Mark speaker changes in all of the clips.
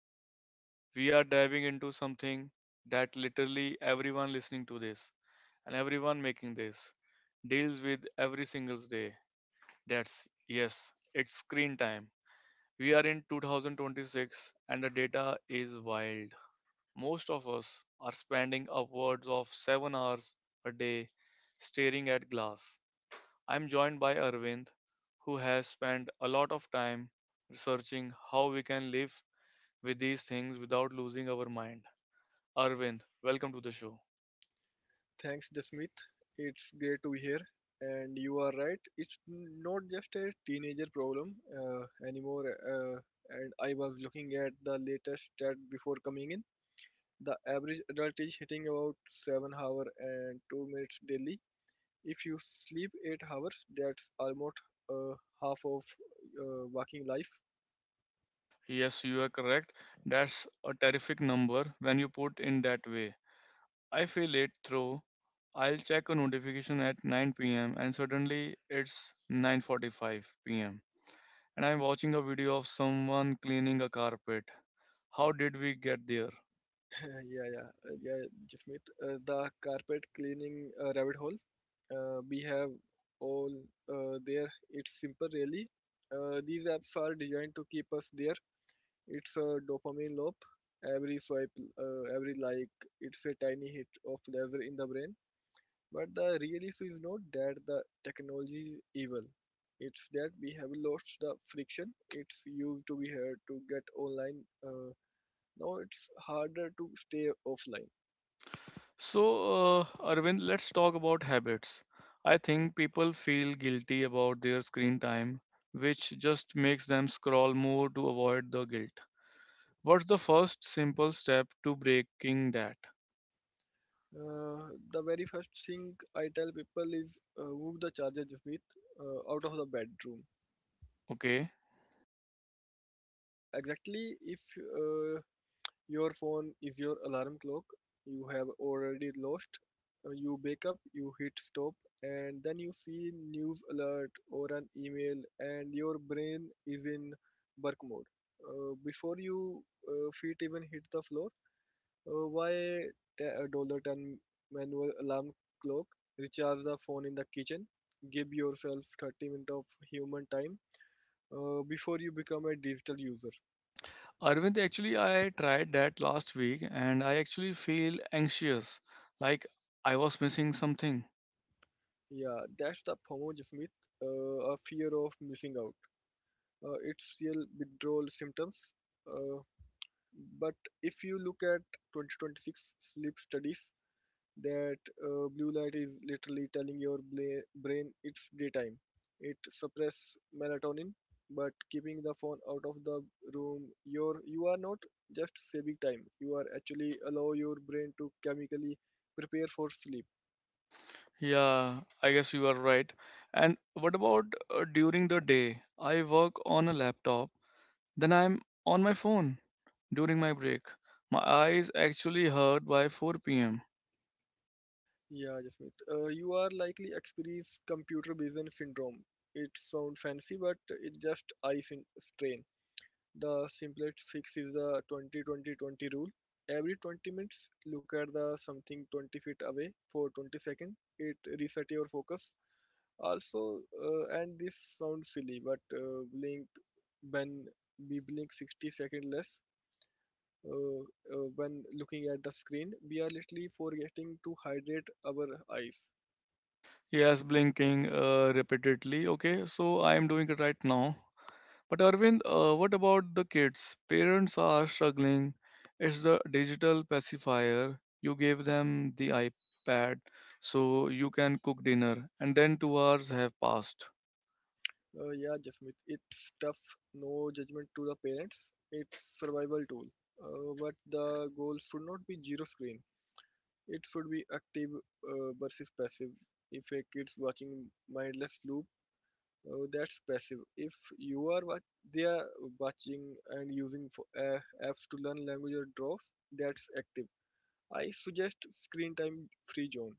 Speaker 1: Today, we are diving into something that literally everyone listening to this and everyone making this deals with every single day. That's yes, it's screen time. We are in 2026 and the data is wild. Most of us are spending upwards of 7 hours a day staring at glass. I'm joined by Arvind, who has spent a lot of time researching how we can live with these things without losing our mind. Arvind, welcome to the show.
Speaker 2: Thanks, Jasmeet. It's great to hear. And you are right, it's not just a teenager problem anymore. And I was looking at the latest stat before coming in. The average adult is hitting about 7 hours and 2 minutes daily. If you sleep 8 hours, that's almost uh, half of working life.
Speaker 1: Yes, you are correct. That's a terrific number when you put in that way. I feel it through. I'll check a notification at 9 p.m. and suddenly it's 9:45 p.m. and I'm watching a video of someone cleaning a carpet. How did we get there?
Speaker 2: Yeah, yeah, yeah, Jasmeet. The carpet cleaning rabbit hole we have all there. It's simple, really. These apps are designed to keep us there. It's a dopamine loop. Every swipe, every like, it's a tiny hit of lever in the brain. But the real issue is not that the technology is evil. It's that we have lost the friction. It's used to be here to get online. Now it's harder to stay offline.
Speaker 1: So, Arvind, let's talk about habits. I think people feel guilty about their screen time, which just makes them scroll more to avoid the guilt. What's the first simple step to breaking that?
Speaker 2: The very first thing I tell people is move the charger, Jasmeet, out of the bedroom.
Speaker 1: Okay.
Speaker 2: Exactly, if your phone is your alarm clock, you have already lost. You wake up, you hit stop, and then you see news alert or an email, and your brain is in work mode. Before you feet even hit the floor. Why a dollar ten manual alarm clock? Recharge the phone in the kitchen. Give yourself 30 minutes of human time before you become a digital user.
Speaker 1: Arvind, actually, I tried that last week and I actually feel anxious, like I was missing something.
Speaker 2: Yeah, that's the FOMO, Jasmeet. A fear of missing out. It's real withdrawal symptoms. Uh, but if you look at 2026 sleep studies, that blue light is literally telling your brain it's daytime. It suppresses melatonin, but keeping the phone out of the room, you are not just saving time. You are actually allow your brain to chemically prepare for sleep.
Speaker 1: Yeah, I guess you are right. And what about during the day? I work on a laptop. Then I'm on my phone during my break. My eyes actually hurt by 4 pm.
Speaker 2: Yeah, Jasmeet. You are likely experience computer vision syndrome. It sounds fancy, but it just strain. The simplest fix is the 20-20-20 rule. Every 20 minutes, look at the something 20 feet away for 20 seconds. It resets your focus. Also, and this sounds silly, but blink when we blink 60 seconds less. Uh, when looking at the screen, we are literally forgetting to hydrate our eyes.
Speaker 1: Yes, blinking repeatedly. Okay, so I am doing it right now. But Arvind, what about the kids? Parents are struggling. It's the digital pacifier. You gave them the iPad so you can cook dinner, and then 2 hours have passed.
Speaker 2: Yeah, Jasmeet, it's tough. No judgment to the parents. It's survival tool. But the goal should not be zero screen. It should be active versus passive. If a kid's watching mindless loop, that's passive. If you are wa- They are watching and using for, apps to learn language or draws, that's active. I suggest screen time free zone.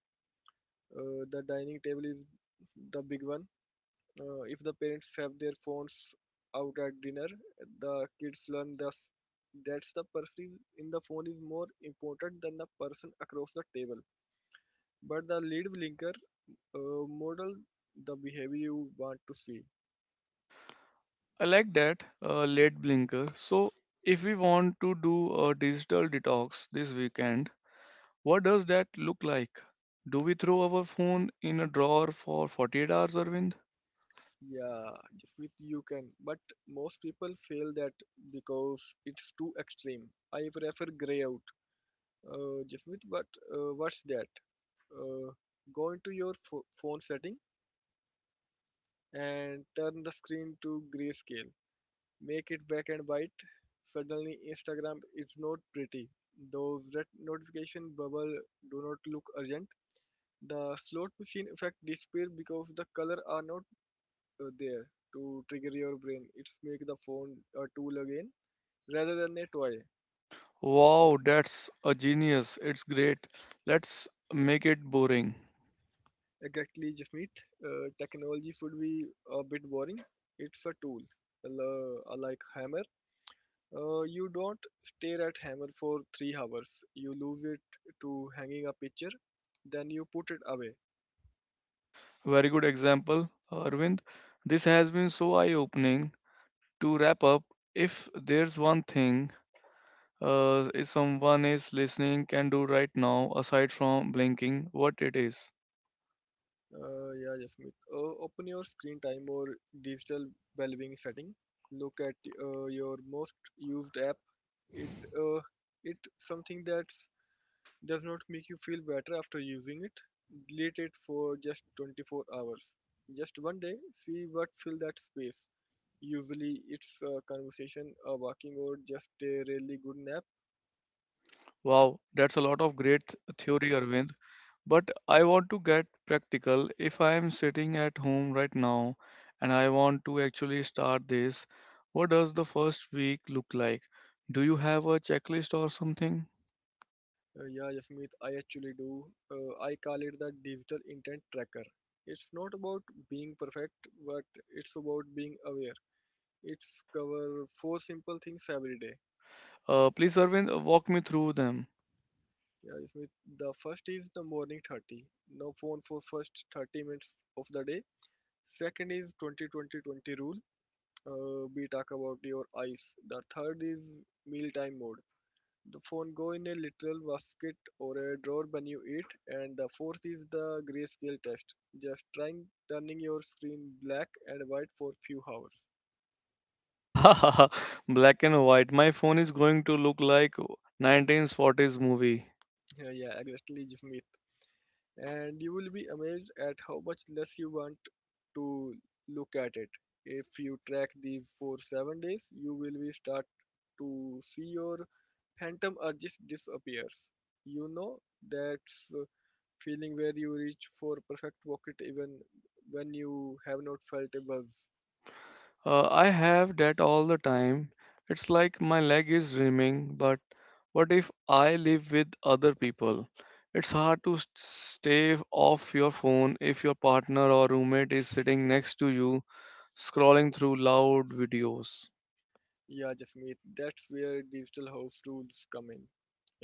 Speaker 2: The dining table is the big one. If the parents have their phones out at dinner, the kids learn thus. That's the person in the phone is more important than the person across the table. But the lead blinker, model the behavior you want to see.
Speaker 1: I like that late blinker. So, if we want to do a digital detox this weekend, what does that look like? Do we throw our phone in a drawer for 48 hours, Arvind?
Speaker 2: Yeah, Jasmeet, you can, but most people fail that because it's too extreme. I prefer grey out. Jasmeet, but what's that? Uh, Go into your phone setting and turn the screen to grayscale. Make it black and white. Suddenly, Instagram is not pretty. Those red notification bubble do not look urgent. The slot machine effect disappear because the color are not there to trigger your brain. It's make the phone a tool again rather than a toy.
Speaker 1: Wow, that's a genius. It's great. Let's make it boring.
Speaker 2: Exactly, Jasmeet. Technology should be a bit boring. It's a tool, like hammer. You don't stare at hammer for 3 hours. You lose it to hanging a picture, then you put it away.
Speaker 1: Very good example, Arvind. This has been so eye opening. To wrap up, if there's one thing if someone is listening can do right now, aside from blinking, what it is?
Speaker 2: Yeah, Jasmeet. Open your screen time or digital well-being setting. Look at your most used app. It uh, it's something that's does not make you feel better after using it, delete it for just 24 hours. Just one day, see what fill that space. Usually it's a conversation, a walking or just a really good nap.
Speaker 1: Wow, that's a lot of great theory, Arvind. But I want to get practical. If I am sitting at home right now and I want to actually start this, what does the first week look like? Do you have a checklist or something?
Speaker 2: Yeah, Yasmeet, I actually do. I call it the digital intent tracker. It's not about being perfect, but it's about being aware. It's cover four simple things every day.
Speaker 1: Please, Arvind, walk me through them.
Speaker 2: Yeah, Yasmeet, the first is the morning 30. No phone for first 30 minutes of the day. Second is 20-20-20 rule. We talk about your eyes. The third is mealtime mode. The phone go in a literal basket or a drawer when you eat. And the fourth is the grayscale test. Just trying turning your screen black and white for few hours.
Speaker 1: Black and white. My phone is going to look like 1940s movie.
Speaker 2: Yeah, yeah, exactly, Jimmy. And you will be amazed at how much less you want to look at it. If you track these for 7 days, you will be start to see your phantom urges disappears. You know that's feeling where you reach for perfect pocket even when you have not felt a buzz.
Speaker 1: I have that all the time. It's like my leg is dreaming, but what if I live with other people? It's hard to stay off your phone if your partner or roommate is sitting next to you scrolling through loud videos.
Speaker 2: Yeah, Jasmeet, that's where digital house rules come in.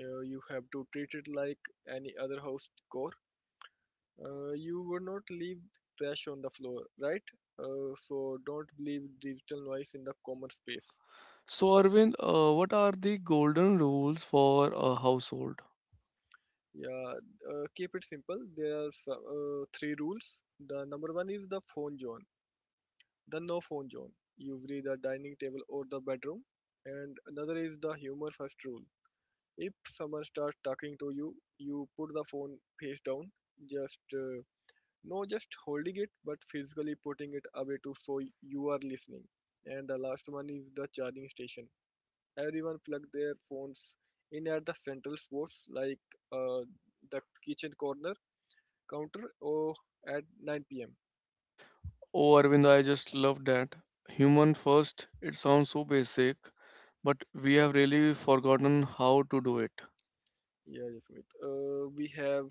Speaker 2: You have to treat it like any other house core. You would not leave trash on the floor, right? So don't leave digital noise in the common space.
Speaker 1: So, Arvind, what are the golden rules for a household?
Speaker 2: Yeah, keep it simple. There are three rules. The number one is the phone zone, the no phone zone, usually the dining table or the bedroom. And another is the humor first rule. If someone starts talking to you, you put the phone face down. Just No, just holding it, but physically putting it away to show you are listening. And the last one is the charging station. Everyone plug their phones in at the central spots like uh, the kitchen corner counter or at 9 p.m.
Speaker 1: Oh, Arvind, I just love that. Human first, it sounds so basic, but we have really forgotten how to do it.
Speaker 2: Yeah, yes, Amit. Uh, we have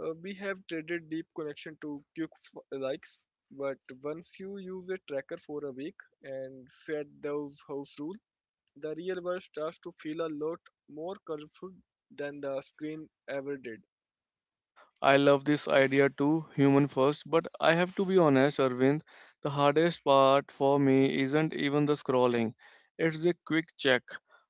Speaker 2: we have traded deep connection to quick likes, but once you use a tracker for a week and set those house rules, the real world starts to feel a lot more colorful than the screen ever did.
Speaker 1: I love this idea too, human first, but I have to be honest, Arvind, the hardest part for me isn't even the scrolling. It's the quick check.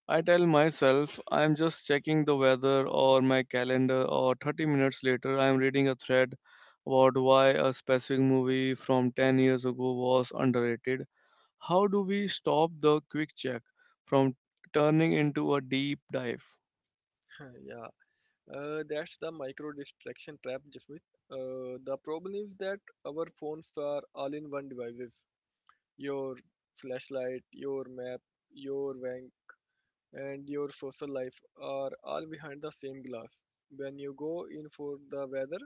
Speaker 1: I tell myself I'm just checking the weather or my calendar, or 30 minutes later, I'm reading a thread about why a specific movie from 10 years ago was underrated. How do we stop the quick check from turning into a deep dive?
Speaker 2: Yeah, that's the micro distraction trap, Jasmeet. The problem is that our phones are all-in-one devices. Your flashlight, your map, your bank, and your social life are all behind the same glass. When you go in for the weather,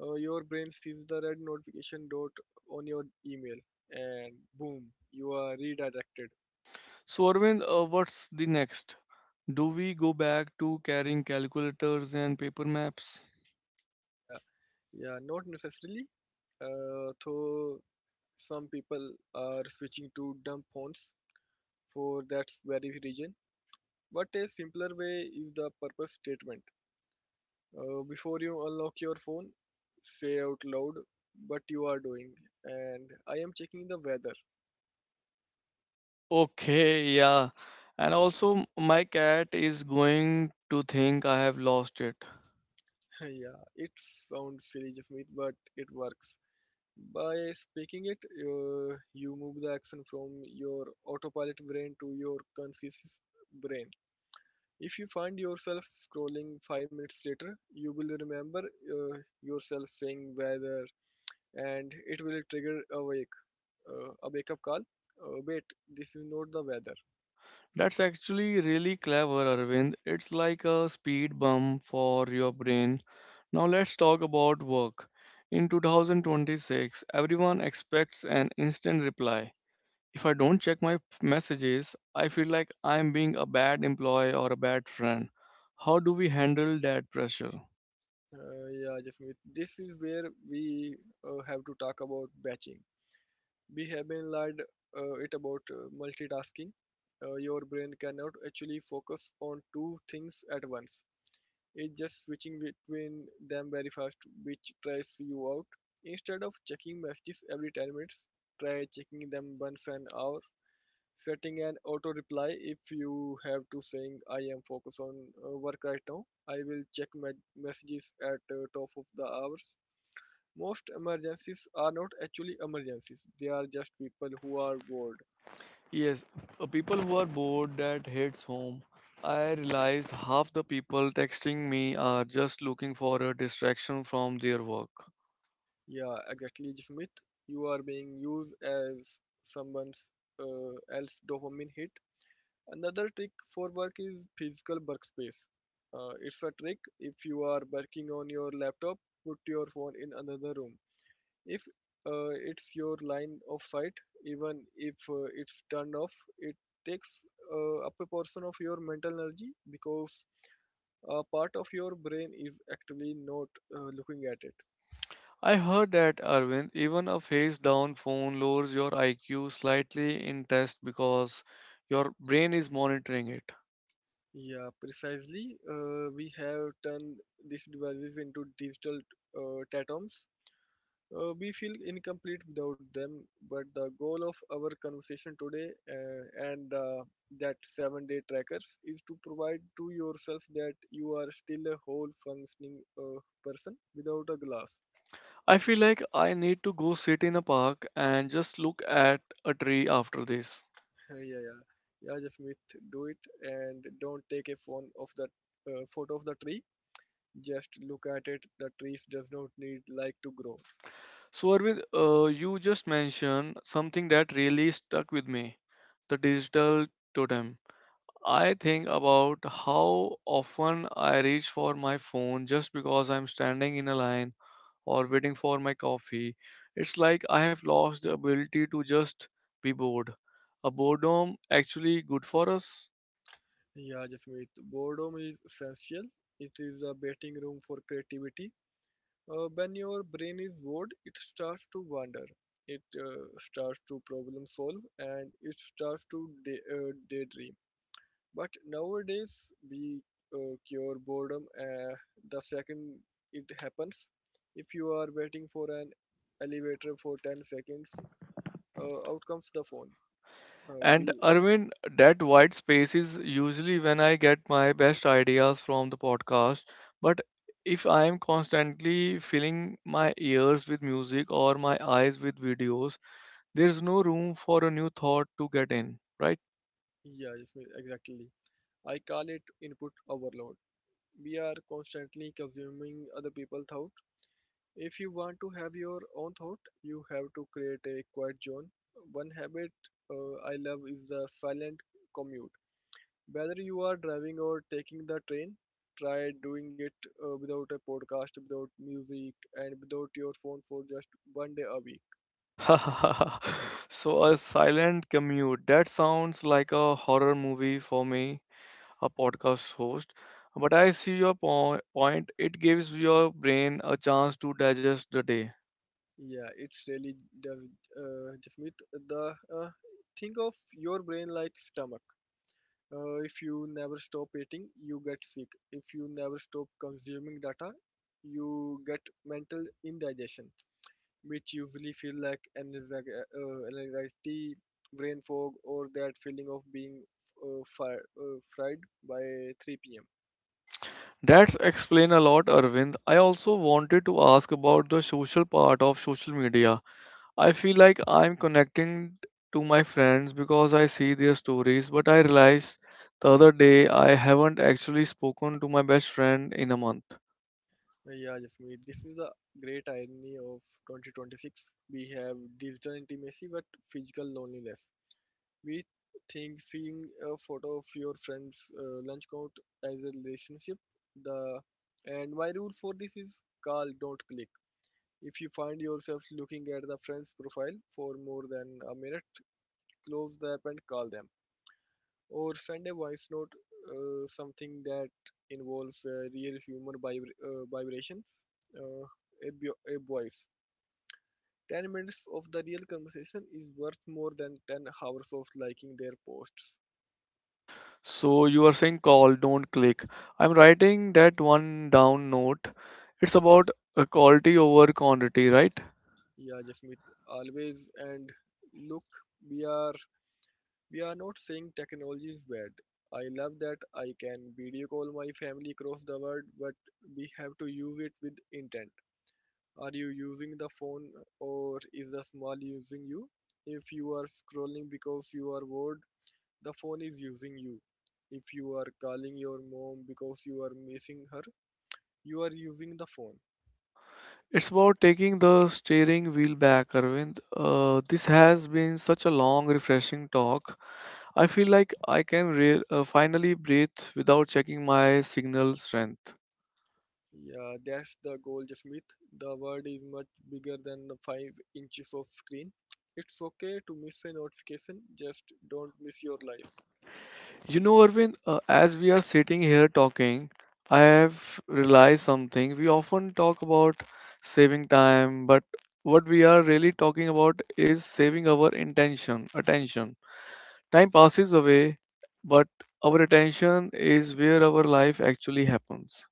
Speaker 2: your brain sees the red notification dot on your email, and boom, you are redirected.
Speaker 1: So Arvind, what's the next? Do we go back to carrying calculators and paper maps?
Speaker 2: Yeah, Yeah, not necessarily. Though some people are switching to dumb fonts for that very reason. But a simpler way is the purpose statement. Before you unlock your phone, say out loud what you are doing. And I am checking the weather.
Speaker 1: Okay, yeah. And also, my cat is going to think I have lost it.
Speaker 2: Yeah, it sounds silly, Jasmeet, but it works. By speaking it, you move the action from your autopilot brain to your conscious brain. If you find yourself scrolling 5 minutes later, you will remember yourself saying weather, and it will trigger a wake up call. Wait, this is not the weather.
Speaker 1: That's actually really clever, Arvind. It's like a speed bump for your brain. Now, let's talk about work. In 2026, everyone expects an instant reply. If I don't check my messages, I feel like I'm being a bad employee or a bad friend. How do we handle that pressure?
Speaker 2: Yeah, Jasmeet, this is where we have to talk about batching. We have been lied it about multitasking. Your brain cannot actually focus on two things at once. Is just switching between them very fast, which tries you out. Instead of checking messages every 10 minutes, try checking them once an hour. Setting an auto reply if you have to saying I am focused on work right now. I will check my messages at top of the hours. Most emergencies are not actually emergencies. They are just people who are bored.
Speaker 1: Yes, people who are bored that hates home. I realized half the people texting me are just looking for a distraction from their work.
Speaker 2: Yeah, exactly, Smith. You are being used as someone else dopamine hit. Another trick for work is physical workspace. It's a trick if you are working on your laptop, put your phone in another room. If it's your line of sight, even if it's turned off, it takes up a portion of your mental energy because a part of your brain is actually not looking at it.
Speaker 1: I heard that, Arvind, even a face down phone lowers your IQ slightly in test because your brain is monitoring it.
Speaker 2: Yeah, precisely. We have turned these devices into digital totems. We feel incomplete without them, but the goal of our conversation today and that 7 day trackers is to provide to yourself that you are still a whole functioning person without a glass.
Speaker 1: I feel like I need to go sit in a park and just look at a tree after this.
Speaker 2: Yeah, yeah. Yeah, Jasmeet, do it and don't take a phone of the photo of the tree. Just look at it. The trees does not need light to grow.
Speaker 1: So, Arvind, you just mentioned something that really stuck with me, the digital totem. I think about how often I reach for my phone just because I'm standing in a line or waiting for my coffee. It's like I have lost the ability to just be bored. A boredom actually good for us?
Speaker 2: Yeah, Jasmeet, boredom is essential. It is a waiting room for creativity. When your brain is bored, it starts to wander, it starts to problem solve, and it starts to daydream. But nowadays, we cure boredom the second it happens. If you are waiting for an elevator for 10 seconds, out comes the phone. Uh,
Speaker 1: And
Speaker 2: we,
Speaker 1: Arvind, that white space is usually when I get my best ideas from the podcast. But if I am constantly filling my ears with music or my eyes with videos, there's no room for a new thought to get in, right?
Speaker 2: yeah, yes, ma'am, exactly. I call it input overload. We are constantly consuming other people's thought. If you want to have your own thought, you have to create a quiet zone. One habit I love is the silent commute. Whether you are driving or taking the train, try doing it without a podcast, without music, and without your phone for just one day a week.
Speaker 1: So a silent commute. That sounds like a horror movie for me, a podcast host. But I see your point. It gives your brain a chance to digest the day.
Speaker 2: Yeah, it's really the Jasmeet, the uh, think of your brain like stomach. If you never stop eating, you get sick. If you never stop consuming data, you get mental indigestion, which usually feel like anxiety, brain fog, or that feeling of being fried by 3 p.m.
Speaker 1: That's explain a lot, Arvind. I also wanted to ask about the social part of social media. I feel like I'm connecting to my friends because I see their stories, but I realized the other day I haven't actually spoken to my best friend in a month.
Speaker 2: Yeah, Jasmeet, this is the great irony of 2026. We have digital intimacy but physical loneliness. We think seeing a photo of your friend's lunch count as a relationship. The and my rule for this is call, don't click. If you find yourself looking at the friend's profile for more than a minute, close the app and call them, or send a voice note. Something that involves real human vibrations, uh, a voice. 10 minutes of the real conversation is worth more than 10 hours of liking their posts.
Speaker 1: So you are saying call, don't click. I'm writing that one down note. It's about quality over quantity, right?
Speaker 2: Yeah, Jasmeet, always. And look, we are we are not saying technology is bad. I love that I can video call my family across the world, but we have to use it with intent. Are you using the phone or is the small using you? If you are scrolling because you are bored, the phone is using you. If you are calling your mom because you are missing her, you are using the phone.
Speaker 1: It's about taking the steering wheel back, Arvind. This has been such a long, refreshing talk. I feel like I can finally breathe without checking my signal strength.
Speaker 2: Yeah, that's the goal, Jasmeet. The world is much bigger than the 5 inches of screen. It's okay to miss a notification, just don't miss your life.
Speaker 1: You know, Arvind, as we are sitting here talking, I have realized something. We often talk about saving time, but what we are really talking about is saving our intention, attention. Time passes away, but our attention is where our life actually happens.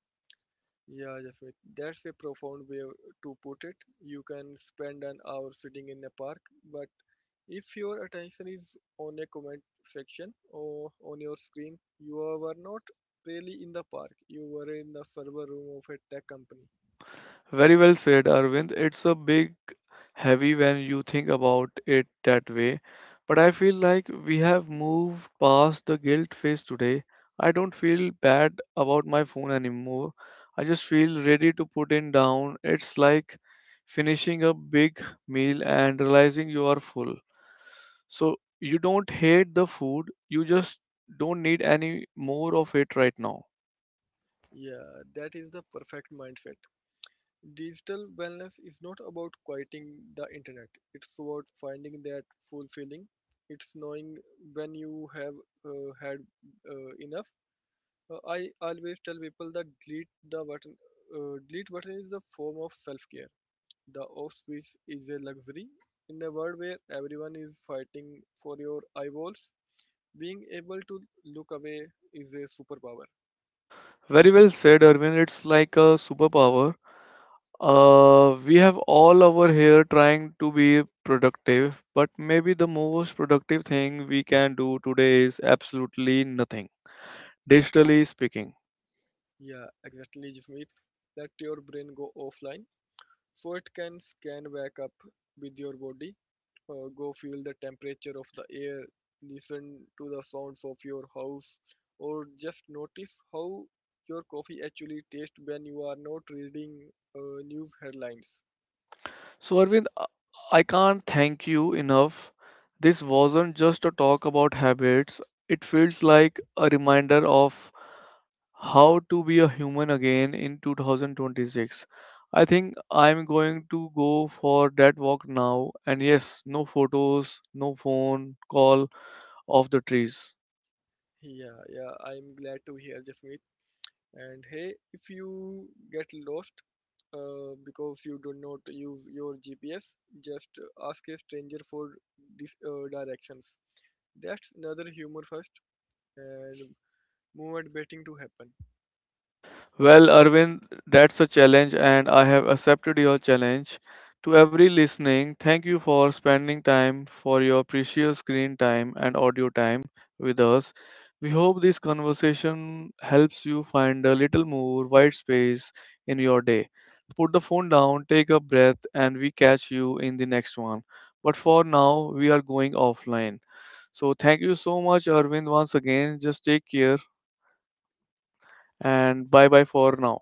Speaker 2: Yeah, Jasmeet, that's a profound way to put it. You can spend an hour sitting in a park, but if your attention is on a comment section or on your screen, you were not really in the park. You were in the server room of a tech company.
Speaker 1: Very well said, Arvind. It's a big heavy when you think about it that way. But I feel like we have moved past the guilt phase today. I don't feel bad about my phone anymore. I just feel ready to put it down. It's like finishing a big meal and realizing you are full. So you don't hate the food, you just don't need any more of it right now.
Speaker 2: Yeah, that is the perfect mindset. Digital wellness is not about quieting the internet. It's about finding that fulfilling. It's knowing when you have had enough. I always tell people that delete the button. Delete button is a form of self-care. The off switch is a luxury in a world where everyone is fighting for your eyeballs. Being able to look away is a superpower.
Speaker 1: Very well said, Arvind. It's like a superpower. We have all over here trying to be productive, but maybe the most productive thing we can do today is absolutely nothing, digitally speaking.
Speaker 2: Yeah, exactly, Jasmeet. Let your brain go offline so it can scan back up with your body, go feel the temperature of the air, listen to the sounds of your house, or just notice how your coffee actually tastes when you are not reading news headlines.
Speaker 1: So, Arvind, I can't thank you enough. This wasn't just a talk about habits, it feels like a reminder of how to be a human again in 2026. I think I'm going to go for that walk now. And yes, no photos, no phone call of the trees.
Speaker 2: Yeah, yeah, I'm glad to hear Jasmeet. And hey, if you get lost because you do not use your GPS, just ask a stranger for directions. That's another humor first. And move at betting to happen.
Speaker 1: Well, Arvind, that's a challenge, and I have accepted your challenge. To every listening, thank you for spending time for your precious screen time and audio time with us. We hope this conversation helps you find a little more white space in your day. Put the phone down, take a breath, and we catch you in the next one. But for now, we are going offline. So, thank you so much, Arvind, once again. Just take care and bye bye for now.